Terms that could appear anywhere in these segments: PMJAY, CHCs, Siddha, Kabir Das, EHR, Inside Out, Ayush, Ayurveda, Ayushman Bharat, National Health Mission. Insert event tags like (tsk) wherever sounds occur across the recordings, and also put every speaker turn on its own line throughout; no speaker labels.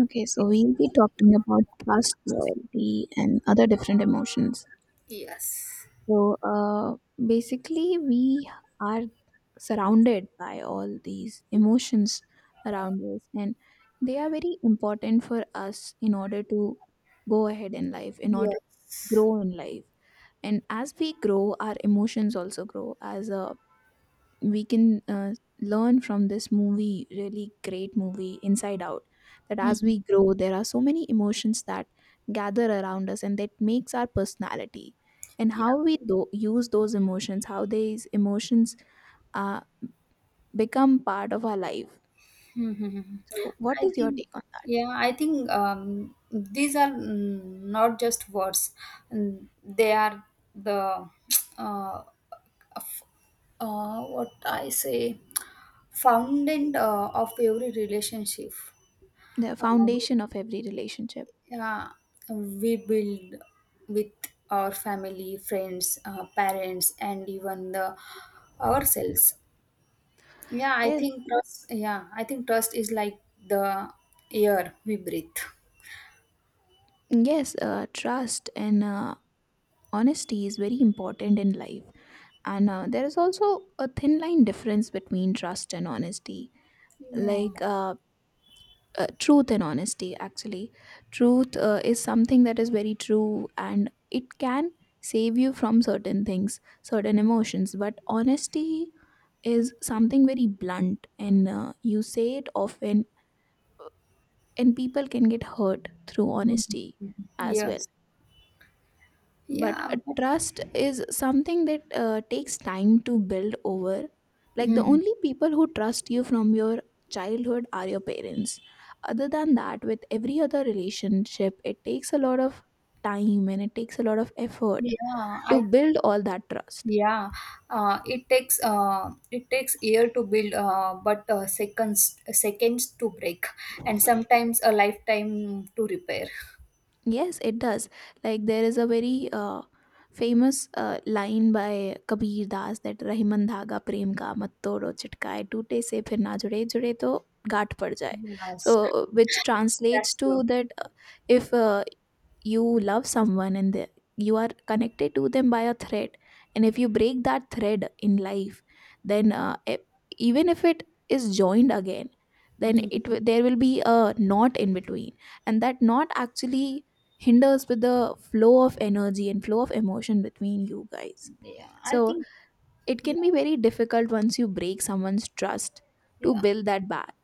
Okay, so we'll be talking about trust, loyalty, and other different emotions.
Yes.
So, uh, basically, we are surrounded by all these emotions around us, and they are very important for us in order to go ahead in life, in order to
Yes.
grow in life. And as we grow, our emotions also grow. As a we can learn from this movie, really great movie Inside Out, that as
Mhm.
we grow there are so many emotions that gather around us and that makes our personality, and
Yeah.
how we use those emotions, how these emotions uh, become part of our life.
Mhm.
So what
I
is your
think,
take on that?
yeah, I think these are not just words. They are the (tsk) uh, f- what I say, fountain of every relationship.
The
Um,
foundation of every relationship.
yeah, we build with our family, friends, parents, and even the ourselves. Yeah, I
Yes,
think trust. Yeah, I think trust is like the air we breathe.
yes, trust and honesty is very important in life, and there is also a thin line difference between trust and honesty.
Yeah.
Like, truth and honesty, actually truth is something that is very true and it can save you from certain things, certain emotions, but honesty is something very blunt and you say it often and people can get hurt through
Mhm.
honesty as well.
Yes.
But
Yeah. But,
trust is something that takes time to build over. Like, the
mhm.
only people who trust you from your childhood are your parents. Other than that, with every other relationship it takes a lot of time and it takes a lot of effort
Yeah.
to
I.
build all that trust.
Yeah. It takes air to build. But seconds. Seconds to break, and sometimes a lifetime to repair.
Yes, it does. Like, there is a very famous line by Kabir Das that Rahiman धागा प्रेम का मत तोड़ो चिटकाए टूटे से फिर ना जुड़े जुड़े तो गांठ पड़ जाए, so
Yes,
which translates
that's
to
true.
that, if you love someone and you are connected to them by a thread, and if you break that thread in life, then even if it is joined again, then
Mhm.
there will be a knot in between, and that knot actually hinders with the flow of energy and flow of emotion between you guys.
Yeah. I
So
think.
it
Yeah.
can be very difficult, once you break someone's trust, to
Yeah.
build that back.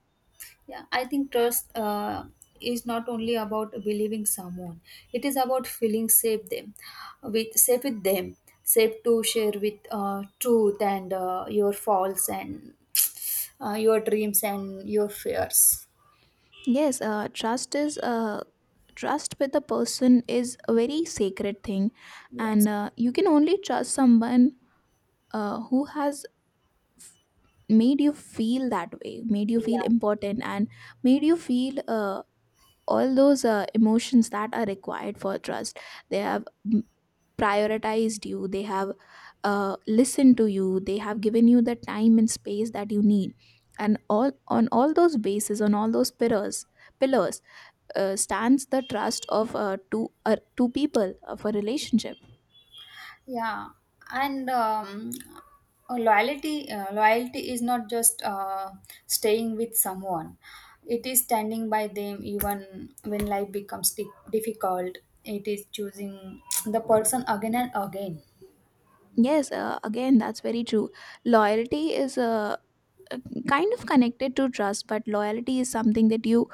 Yeah, I think trust is not only about believing someone; it is about feeling safe with them, safe to share with truth and your faults and your dreams and your fears.
Yes, trust with a person is a very sacred thing,
Yes.
and you can only trust someone who has made you feel that way, made you feel
Yeah.
important, and made you feel all those emotions that are required for trust. They have prioritized you. They have listened to you. They have given you the time and space that you need, and all on all those bases, on all those pillars, stands the trust of two people of a relationship.
Yeah, and um, loyalty is not just staying with someone. It is standing by them even when life becomes difficult. It is choosing the person again and again.
Yes, again, that's very true. Loyalty is uh, uh, kind of connected to trust, but loyalty is something that you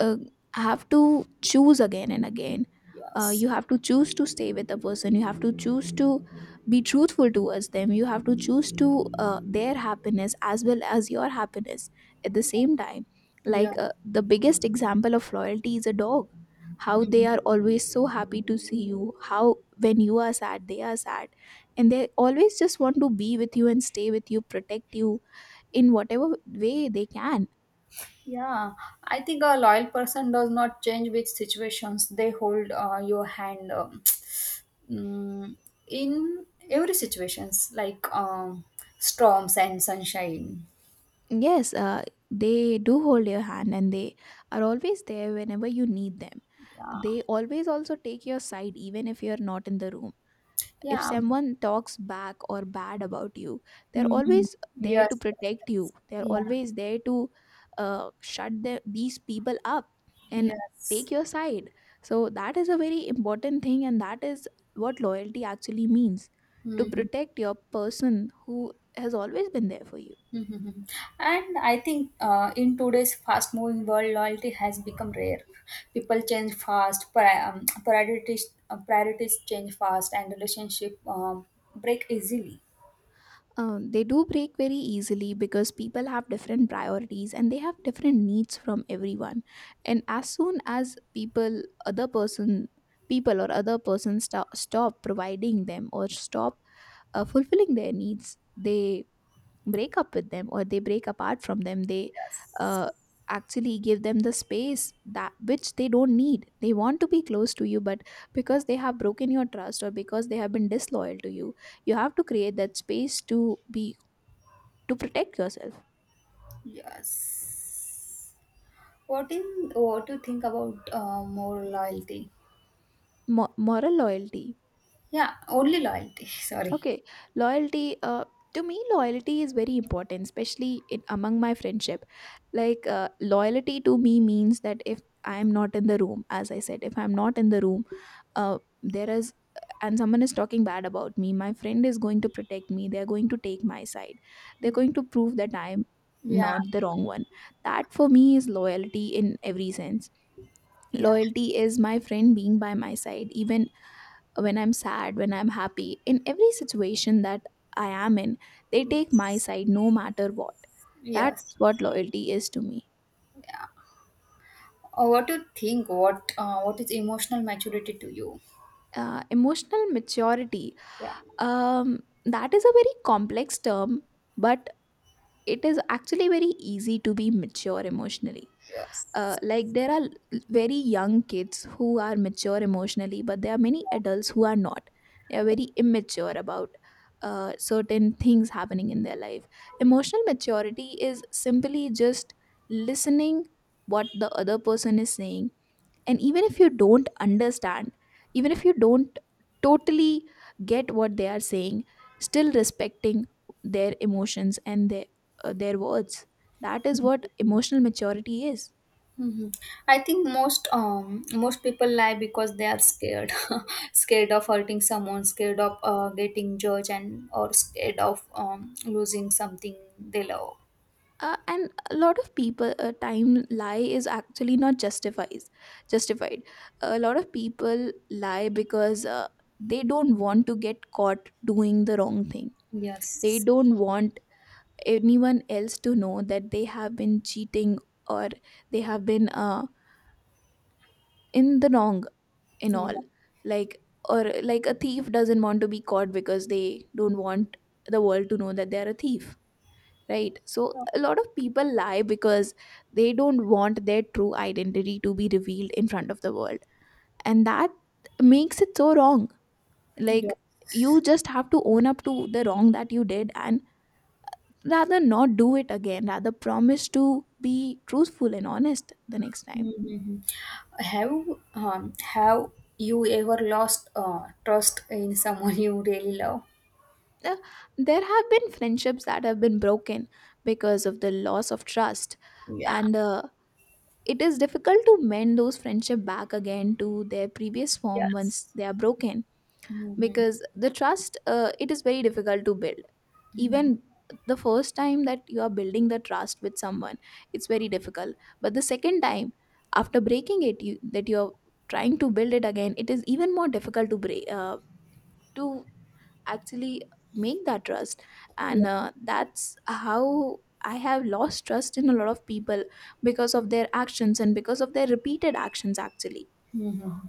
uh, have to choose again and again.
Yes.
You have to choose to stay with the person. You have to choose to be truthful towards them. You have to choose to their happiness as well as your happiness at the same time.
Yeah.
Like, the biggest example of loyalty is a dog. How they
Mhm.
are always so happy to see you. How when you are sad, they are sad, and they always just want to be with you and stay with you, protect you in whatever way they can.
Yeah, I think a loyal person does not change with situations. They hold your hand (tsk) mm, in every situations, like storms and sunshine.
Yes, they do hold your hand and they are always there whenever you need them.
Yeah,
They always also take your side, even if you're not in the room. If
yeah.
someone talks back or bad about you, they're
Mhm.
always there to
Yes, yes,
protect
yes.
you. They're
Yeah,
always there to shut the, these people up and
yes.
take your side. So, that is a very important thing, and that is what loyalty actually means: to
Mhm,
protect your person who has always been there for you.
mhm. And I think in today's fast-moving world, loyalty has become rare. People change fast, priorities change fast, and relationship break easily.
Um, they do break very easily because people have different priorities and they have different needs from everyone, and as soon as people other person people or other person stop providing them or stop fulfilling their needs, they break up with them or they break apart from them. They
Yes,
uh, actually give them the space that which they don't need. They want to be close to you, but because they have broken your trust or because they have been disloyal to you, you have to create that space to be to protect yourself.
yes. What in what do you think about more loyalty?
Moral loyalty.
Yeah, only loyalty. (laughs) Sorry.
Okay, loyalty. To me, loyalty is very important, especially in, among my friendship. Like, loyalty to me means that if I am not in the room, as I said, if I am not in the room, there is and someone is talking bad about me, my friend is going to protect me, they're going to take my side, they're going to prove that I'm
Yeah,
not the wrong one. That, for me, is loyalty in every sense.
yeah.
Loyalty is my friend being by my side even when I'm sad, when I'm happy, in every situation that I am in, they take my side no matter what.
Yes.
That's what loyalty is to me.
Yeah. What do you think? What is emotional maturity to you?
Emotional maturity,
Yeah.
um, that is a very complex term, but it is actually very easy to be mature emotionally. uh,
Yes.
like there are very young kids who are mature emotionally, but there are many adults who are not. They are very immature about certain things happening in their life. Emotional maturity is simply just listening what the other person is saying, and even if you don't understand, even if you don't totally get what they are saying, still respecting their emotions and their words. That is what emotional maturity is.
Hmm. I think most most people lie because they are scared, (laughs) scared of hurting someone, scared of getting judged, and or scared of losing something they love.
And a lot of people time lie is actually not justifies justified. A lot of people lie because they don't want to get caught doing the wrong thing. They
Yes.
don't want anyone else to know that they have been cheating, or they have been in the wrong in
Yeah.
all. Like, or like a thief doesn't want to be caught because they don't want the world to know that they are a thief, right? So a lot of people lie because they don't want their true identity to be revealed in front of the world, and that makes it so wrong.
Yeah.
Like, you just have to own up to the wrong that you did and rather not do it again, rather promise to be truthful and honest the next time.
Hmm. Have have you ever lost trust in someone (laughs) you really love?
Uh, there have been friendships that have been broken because of the loss of trust,
Yeah.
and it is difficult to mend those friendship back again to their previous form once
Yes.
they are broken,
Mm-hmm.
because the trust, it is very difficult to build.
Mm-hmm.
Even the first time that you are building the trust with someone, it's very difficult, but the second time, after breaking it, you that you're trying to build it again, it is even more difficult to break to actually make that trust.
Yeah.
And that's how I have lost trust in a lot of people, because of their actions and because of their repeated actions actually.
Mhm.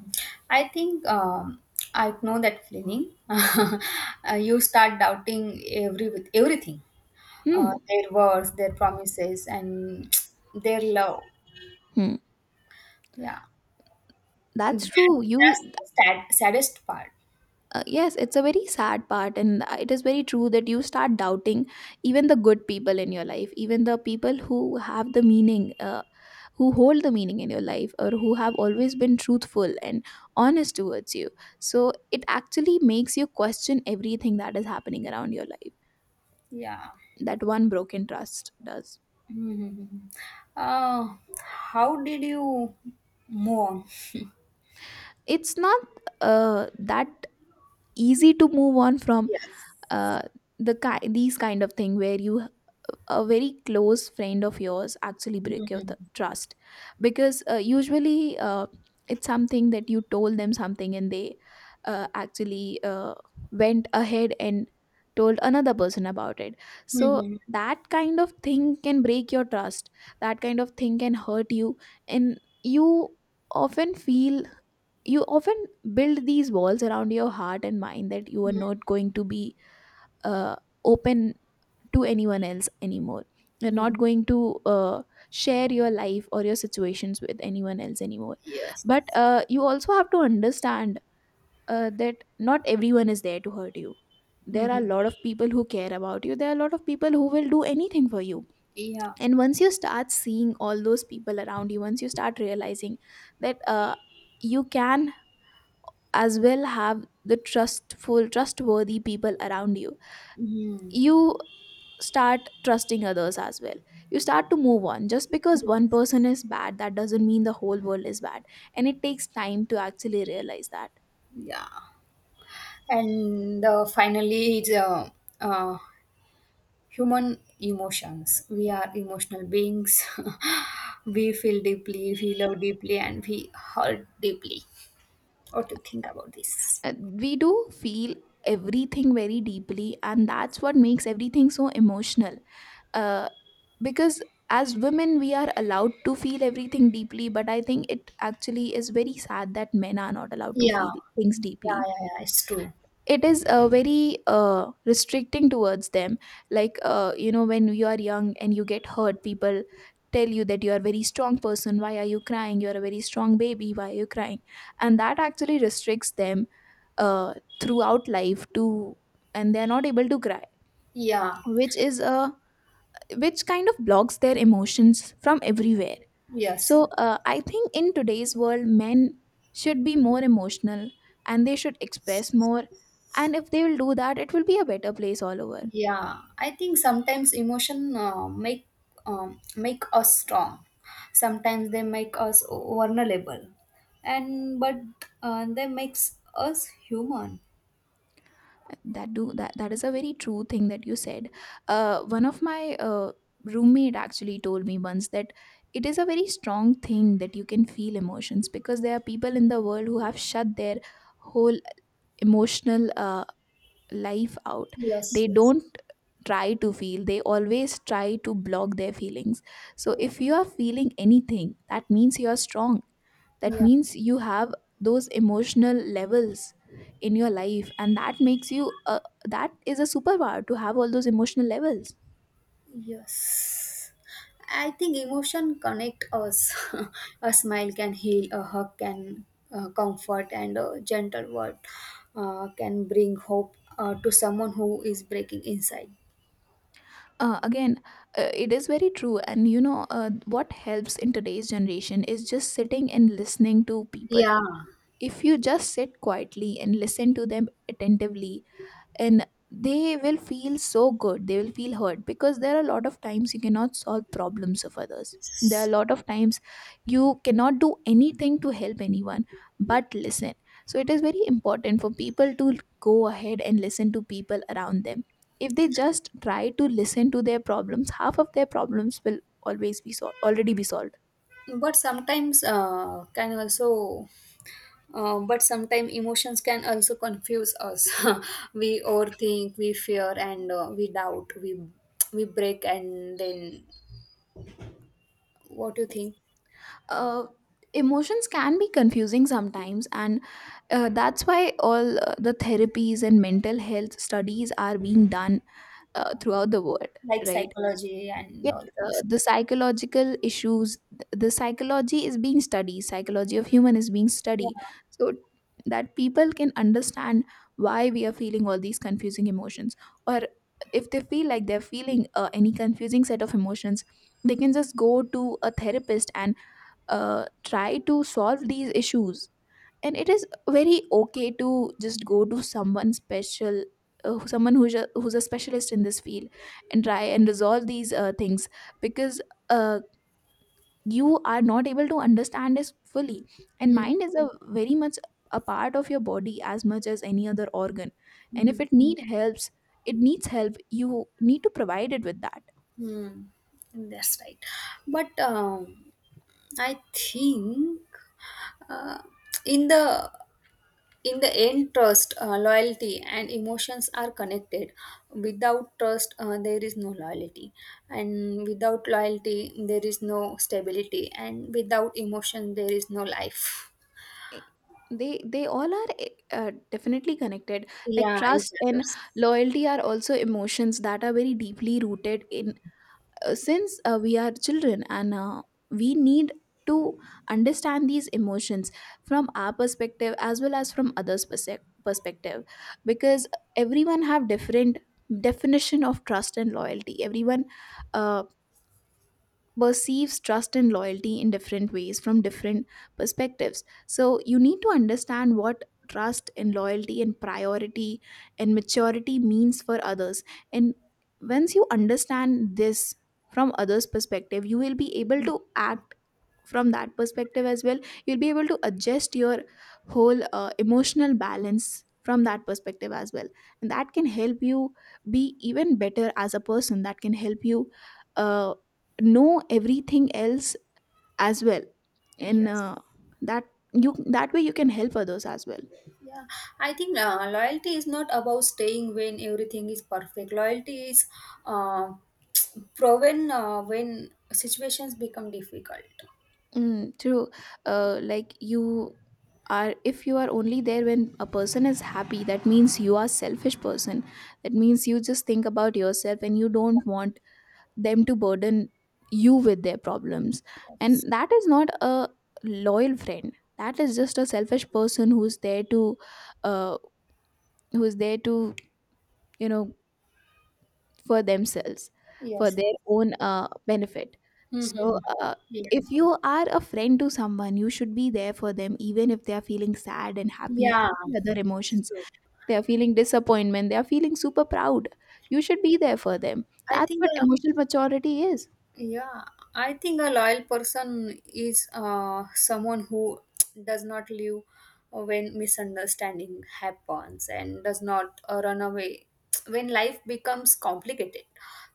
I think I know that feeling. (laughs) You start doubting everything,
Hmm,
their words, their promises, and (tsk) their love.
hmm.
Yeah,
That's true, you.
that's the saddest part.
Yes, it's a very sad part, and it is very true that you start doubting even the good people in your life, even the people who have the meaning, who hold the meaning in your life or who have always been truthful and honest towards you. So it actually makes you question everything that is happening around your life,
Yeah.
that one broken trust does.
Mhm. Uh, how did you move on?
It's not that easy to move on from
Yes.
uh, these kind of thing where you, a very close friend of yours actually break your
Mhm.
trust, because usually it's something that you told them something and they actually went ahead and told another person about it. So
Mhm.
that kind of thing can break your trust, that kind of thing can hurt you, and you often feel, you often build these walls around your heart and mind that you are not going to be uh, open to anyone else anymore. You're
Mhm.
not going to share your life or your situations with anyone else anymore.
Yes.
But you also have to understand that not everyone is there to hurt you. There are a
Mhm.
lot of people who care about you, there are a lot of people who will do anything for you.
Yeah.
And once you start seeing all those people around you, once you start realizing that you can as well have the trustful trustworthy people around you,
Mhm.
you start trusting others as well. You start to move on. Just because one person is bad, that doesn't mean the whole world is bad, and it takes time to actually realize that.
Yeah. And finally it's uh, human emotions, we are emotional beings. (laughs) We feel deeply, we love deeply, and we hurt deeply. What do you think about this?
Uh, we do feel everything very deeply, and that's what makes everything so emotional. Uh, because as women we are allowed to feel everything deeply, but I think it actually is very sad that men are not allowed to
Yeah.
feel things
Yeah.
deeply.
Yeah, it's true.
It is very restricting towards them. Like, you know when you are young and you get hurt, people tell you that you are a very strong person. Why are you crying? You are a very strong baby. Why are you crying? And that actually restricts them uh, throughout life to, and they are not able to cry,
Yeah.
which is a which kind of blocks their emotions from everywhere.
Yes,
So,
yes.
I think in today's world, men should be more emotional and they should express more. And if they will do that, it will be a better place all over.
Yeah, I think sometimes emotion make us strong, sometimes they make us vulnerable, and but they makes us human.
That do that that is a very true thing that you said. One of my roommate actually told me once that it is a very strong thing that you can feel emotions because there are people in the world who have shut their whole emotional life out.
Yes,
They
yes.
don't try to feel, they always try to block their feelings. So if you are feeling anything, that means you are strong, that
Yeah,
means you have those emotional levels in your life, and that makes you that is a superpower to have all those emotional levels.
yes. I think emotion connect us. (laughs) A smile can heal, a hug can comfort, and a gentle word can bring hope to someone who is breaking inside.
Again, it is very true, and you know what helps in today's generation is just sitting and listening to people.
Yeah.
If you just sit quietly and listen to them attentively, and they will feel so good, they will feel hurt because there are a lot of times you cannot solve problems of others. There are a lot of times you cannot do anything to help anyone but listen. So it is very important for people to go ahead and listen to people around them. If they just try to listen to their problems, half of their problems will always be solved, already be solved.
But sometimes uh, can also, but sometimes emotions can also confuse us. (laughs) We overthink, we fear, and we doubt. We break, and then what do you think?
uh, Emotions can be confusing sometimes, and that's why all the therapies and mental health studies are being done throughout the world.
Like
Right.
psychology and
Yes,
all things.
the psychological issues the psychology is being studied, psychology of human is being
Yeah.
studied, so that people can understand why we are feeling all these confusing emotions, or if they feel like they're feeling any confusing set of emotions, they can just go to a therapist and try to solve these issues. And it is very okay to just go to someone special, someone who's a specialist in this field and try and resolve these things, because uh, you are not able to understand this fully. And
Mm,
mind is a very much a part of your body as much as any other organ. And
mm,
if it need helps, it needs help, you need to provide it with that.
mm. That's right. But I think uh, in the in the end, trust, loyalty, and emotions are connected. Without trust, there is no loyalty, and without loyalty, there is no stability, and without emotion, there is no life.
Eh, they they all are definitely connected. Like,
Yeah, each
trust and
other's.
loyalty are also emotions that are very deeply rooted in since we are children, and we need to understand these emotions from our perspective as well as from others perspective, because everyone have different definition of trust and loyalty. Everyone uh, perceives trust and loyalty in different ways from different perspectives. So you need to understand what trust and loyalty and priority and maturity means for others. And once you understand this from others' perspective, you will be able to act from that perspective as well. You'll be able to adjust your whole emotional balance from that perspective as well, and that can help you be even better as a person. That can help you uh, know everything else as well, and
Yes.
that that way you can help others as well.
Yeah, I think loyalty is not about staying when everything is perfect. Loyalty is uh, (tsk) proven when situations become difficult.
Mm, true. Like, you are if you are only there when a person is happy, that means you are selfish person, that means you just think about yourself and you don't want them to burden you with their problems. And
Yes.
that is not a loyal friend, that is just a selfish person uh, who's there to you know for themselves, for
Yes. Yes.
their own benefit.
Mm-hmm.
So, if
Yeah.
you are a friend to someone, you should be there for them even if they are feeling sad and happy and
Yeah.
all the other
That's
emotions.
true.
They are feeling disappointment, they are feeling super proud. You should be there for them.
I
That's
think
what emotional maturity is.
Yeah, I think a loyal person is someone who does not leave when misunderstanding happens and does not run away when life becomes complicated,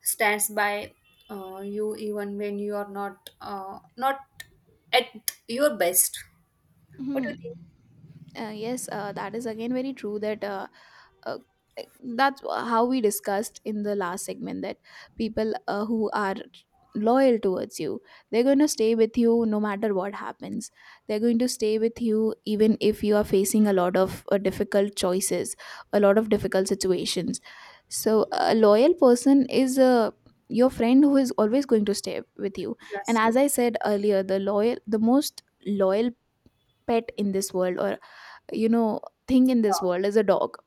stands by you even when you are not at your best. What do you
Mhm.
think?
Yes, that is again very true that uh, that's how we discussed in the last segment that people who are loyal towards you, they're going to stay with you no matter what happens. They're going to stay with you even if you are facing a lot of difficult choices, a lot of difficult situations. So a loyal person is a your friend who is always going to stay with you. And
Yes, yes,
as I said earlier, the most loyal pet in this world, or you know thing in this
yeah.
world, is a dog.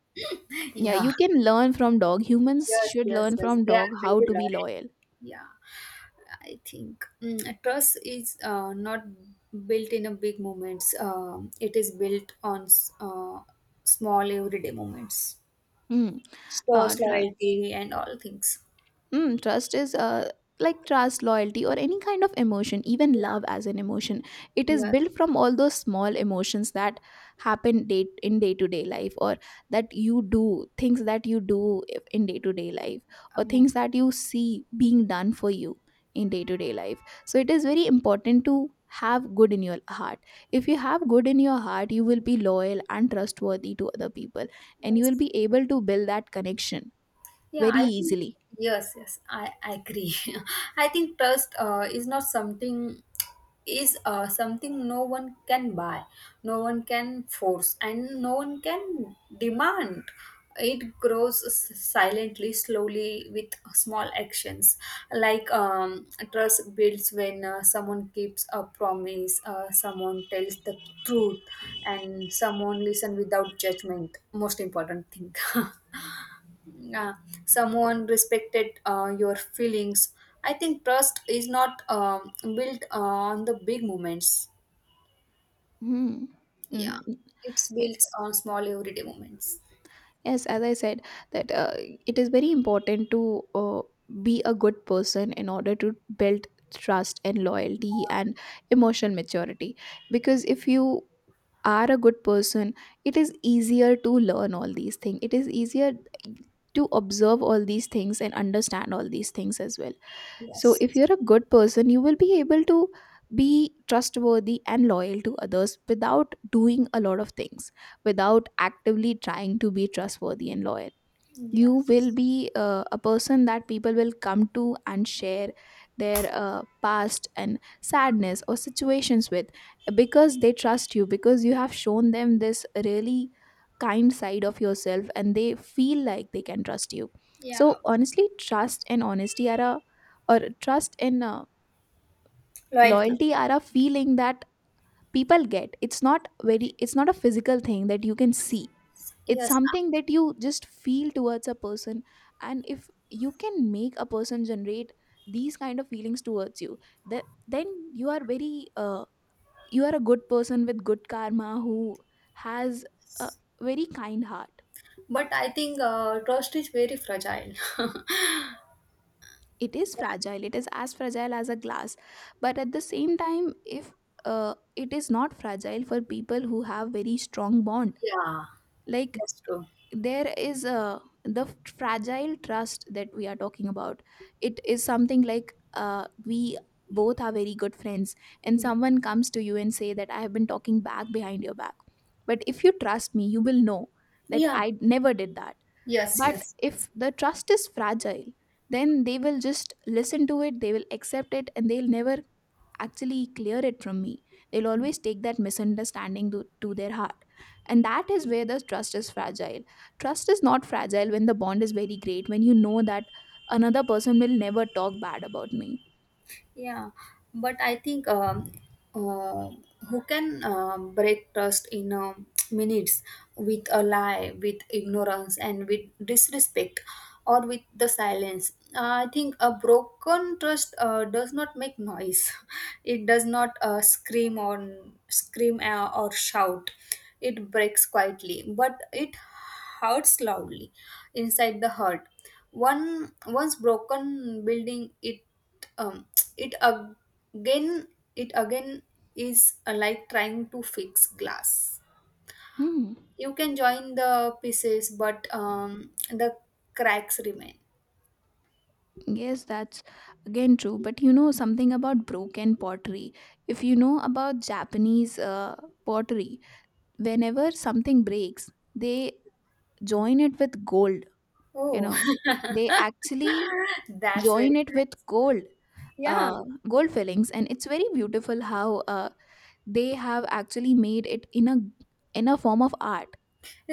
Yeah,
Yeah.
you can learn from dog. Humans
Yes,
should
yes,
learn
yes.
from
They are
dog how
very
to be
loyal.
loyal.
Yeah. I think a trust is not built in a big moments. Um, it is built on small everyday moments.
Hmm. uh,
Trust,
tra-
loyalty, and all things.
Mm, trust is like trust, loyalty, or any kind of emotion, even love
Yeah.
as an emotion. It is
Yes.
built from all those small emotions that happen day in day to day life, or that you do, things that you do in day to day life, or
Uh,
things that you see being done for you in day to day life. So it is very important to have good in your heart. If you have good in your heart, you will be loyal and trustworthy to other people, and you will
yes.
be able to build that connection
Yeah,
very
I think
easily.
yes, yes, I agree. (laughs) I think trust is something no one can buy, no one can force, and no one can demand. It grows silently, slowly, with small actions. Like trust builds when someone keeps a promise, someone tells the truth, and someone listen without judgment. Most important thing. (laughs) Nah, someone respected your feelings. I think trust is not built on the big moments.
Hmm.
Yeah,
Mm.
it's
Y-
built on small everyday moments.
Yes, as I said, that it is very important to be a good person in order to build trust and loyalty and emotional maturity. Because if you are a good person, it is easier to learn all these things. It is easier to observe all these things and understand all these things as well. So,
Yes.
if you're a good person, you will be able to be trustworthy and loyal to others without doing a lot of things, without actively trying to be trustworthy and loyal. You will
Yes.
be a person that people will come to and share their past and sadness or situations with, because they trust you, because you have shown them this really kind side of yourself, and they feel like they can trust you.
Yeah.
So honestly, trust and
Loyalty.
loyalty are a feeling that people get. It's not a physical thing that you can
Yes.
see, it's
Yes.
something that you just feel towards a person. And if you can make a person generate these kind of feelings towards you, that then you are very uh, you are a good person with good karma who has a very kind heart.
But I think trust is very fragile. (laughs)
It is
Yeah.
fragile, it is as fragile as a glass. But at the same time, if it is not fragile for people who have very strong bond.
Yeah.
Like,
That's true.
there is a the fragile trust that we are talking about, it is something like, we both are very good friends, and someone comes to you and say that I have been talking back behind your back, but if you trust me, you will know that
Yeah.
I never did that.
Yes.
But
Yes.
if the trust is fragile, then they will just listen to it, they will accept it, and they'll never actually clear it from me. They'll always take that misunderstanding to their heart. And that is where the trust is fragile. Trust is not fragile when the bond is very great, when you know that another person will never talk bad about me.
Yeah, but I think uh, who can break trust in (tsk) minutes with a lie, with ignorance, and with disrespect, or with the silence? I think a broken trust does not make noise. (laughs) It does not scream or shout. It breaks quietly, but it hurts loudly inside the heart. One Once broken building, it um, it again it again is like trying to fix glass.
Hmm.
You can join the pieces, but the cracks remain.
Yes, that's again true. But you know something about broken pottery. If you know about Japanese pottery, whenever something breaks, they join it with gold. You
Oh.
know, they actually
(laughs) That's very
join it with gold,
yeah
uh, gold fillings, and it's very beautiful how they have actually made it in a form of art.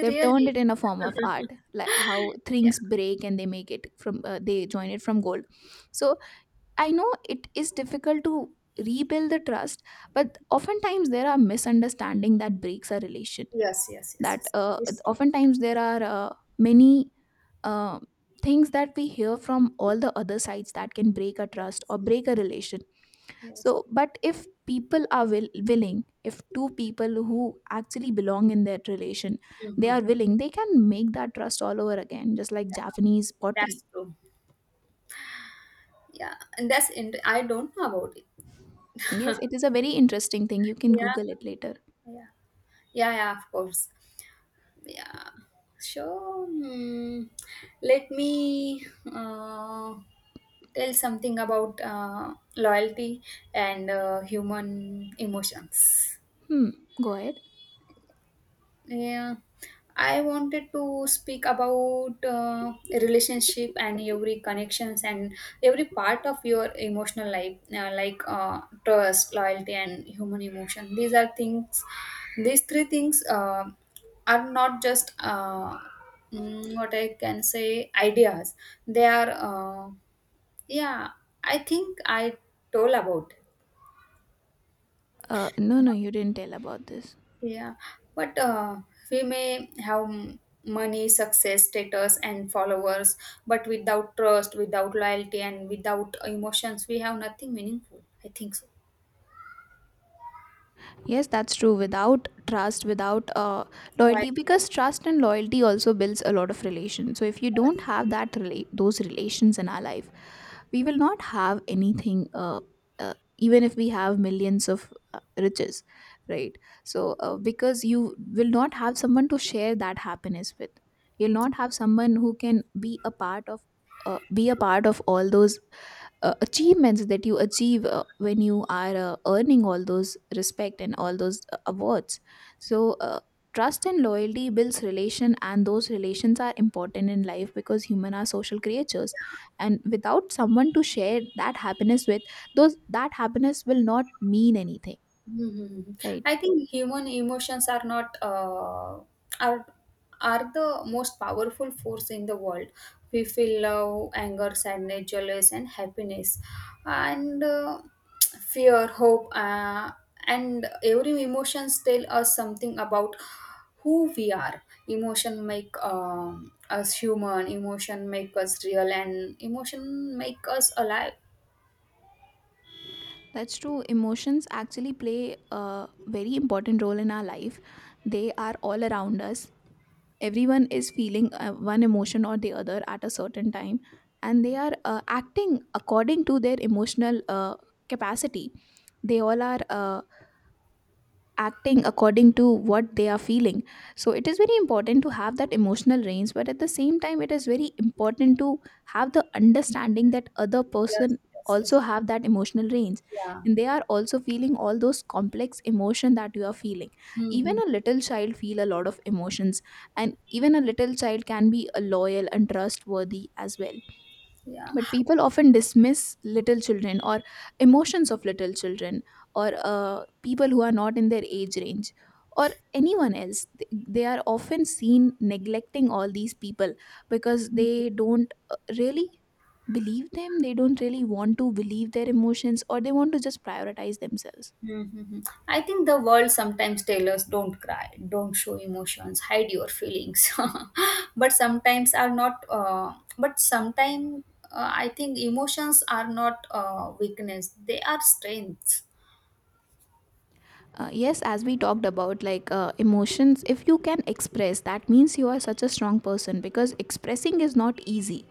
They've turned it in a form of art, like how
yeah.
things break and they make it from they join it from gold. So I know it is difficult to rebuild the trust, but oftentimes there are misunderstanding that breaks a relation,
Yes, yes, yes,
that
yes, it's true.
oftentimes there are many uh, things that we hear from all the other sides that can break a trust
Yes,
or break a relation.
yes.
So, but if people are willing, if two people who actually belong in that relation, they
Hmm.
are willing, they can make that trust all over again, just like Japanese pottery.
That's true. Yeah, and I don't know about it.
Yes, it is a very interesting thing. You can
Yeah.
Google it later.
Yeah. Yeah, yeah, of course. Yeah. So, mm, let me uh, tell something about loyalty and human emotions.
Hmm. Go ahead.
Yeah, I wanted to speak about relationship and every connections and every part of your emotional life, like trust, loyalty, and human emotion. These are things. These three things are not just what I can say ideas. They are. Yeah, I think I told about.
No, no, you didn't tell about this.
Yeah, but we may have money, success, status, and followers, but without trust, without loyalty, and without emotions, we have nothing meaningful. I think so.
Yes, that's true. Without trust, without
Why?
loyalty, because trust and loyalty also builds a lot of relations. So if you don't have that relate those relations in our life, we will not have anything. Even if we have millions of riches, right? So because you will not have someone to share that happiness with, you'll not have someone who can be be a part of all those achievements that you achieve when you are earning all those respect and all those awards. So trust and loyalty builds relation, and those relations are important in life because human are social creatures, and without someone to share that happiness with, those, that happiness will not mean anything,
Mm-hmm.
right?
I think human emotions are not are are the most powerful force in the world. We feel love, anger, sadness, jealous, and happiness, and fear, hope, and every emotions tell us something about who we are. Emotion make us human. Emotion make us real, and emotion make us alive.
That's true. Emotions actually play a very important role in our life. They are all around us. Everyone is feeling one emotion or the other at a certain time, and they are acting according to their emotional capacity. They all are acting according to what they are feeling. So it is very important to have that emotional range, but at the same time it is very important to have the understanding that other
Yes,
person
yes, yes.
also have that emotional range,
Yeah.
and they are also feeling all those complex emotion that you are feeling. Even
Mm-hmm.
a little child feel a lot of emotions, and even a little child can be a loyal and trustworthy as well.
Yeah.
But people often dismiss little children or emotions of little children or people who are not in their age range or anyone else. They are often seen neglecting all these people because they don't really believe them. They don't really want to believe their emotions, or they want to just prioritize themselves.
Mhm. I think the world sometimes tells us don't cry, don't show emotions, hide your feelings. (laughs) But sometimes are not. But sometimes, I think emotions are not weakness; they are strengths.
Yes, as we talked about, like, emotions, if you can express, that means you are such a strong person, because expressing is not easy.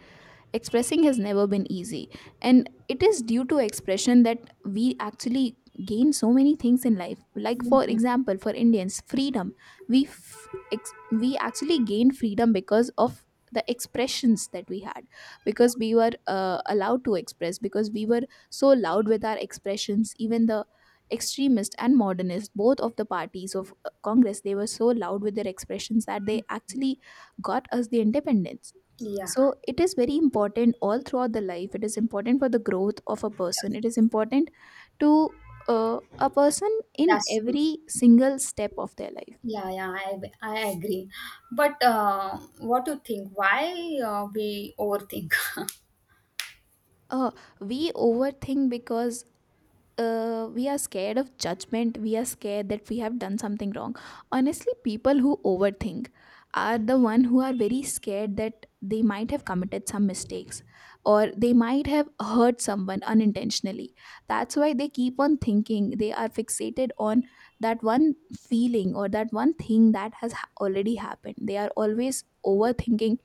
Expressing has never been easy, and it is due to expression that we actually gain so many things in life. Like, for
Mhm.
example, for indians, freedom. we f- we actually gained freedom because of the expressions that we had,
Yeah,
because we were allowed to express, because we were so loud with our expressions. Even the extremist and modernist, both of the parties of congress, they were so loud with their expressions that they actually got us the independence.
yeah,
So it is very important all throughout the life. It is important for the growth of a person.
yes,
It is important to a person in
that's true.
every single step of their life.
Yeah, yeah, I agree. But what do you think? Why we overthink? (laughs)
uh, we overthink because we are scared of judgment. We are scared that we have done something wrong. Honestly, people who overthink are the one who are very scared that they might have committed some mistakes, or they might have hurt someone unintentionally. That's why they keep on thinking. They are fixated on that one feeling or that one thing that has already happened. They are always overthinking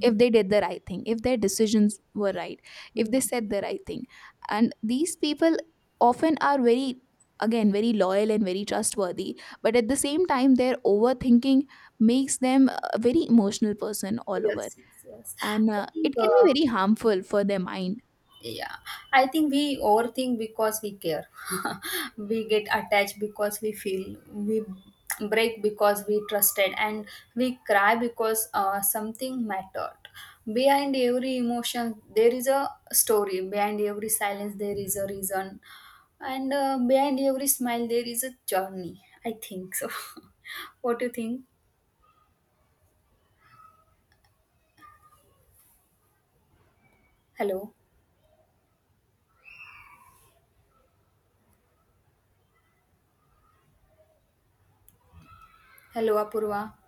if they did the right thing, if their decisions were right, if they
Mhm.
said the right thing. And these people often are very, again, very loyal and very trustworthy, but at the same time their overthinking makes them a very emotional person all over.
Yes, yes, yes.
And
I think.
it can be very harmful for their mind.
Yeah, I think we overthink because we care. (laughs) We get attached because we feel. We break because we trusted, and we cry because something mattered. Behind every emotion, there is a story. Behind every silence, there is a reason, and behind every smile, there is a journey. I think so. (laughs) What do you think? Hello, hello, Apurva.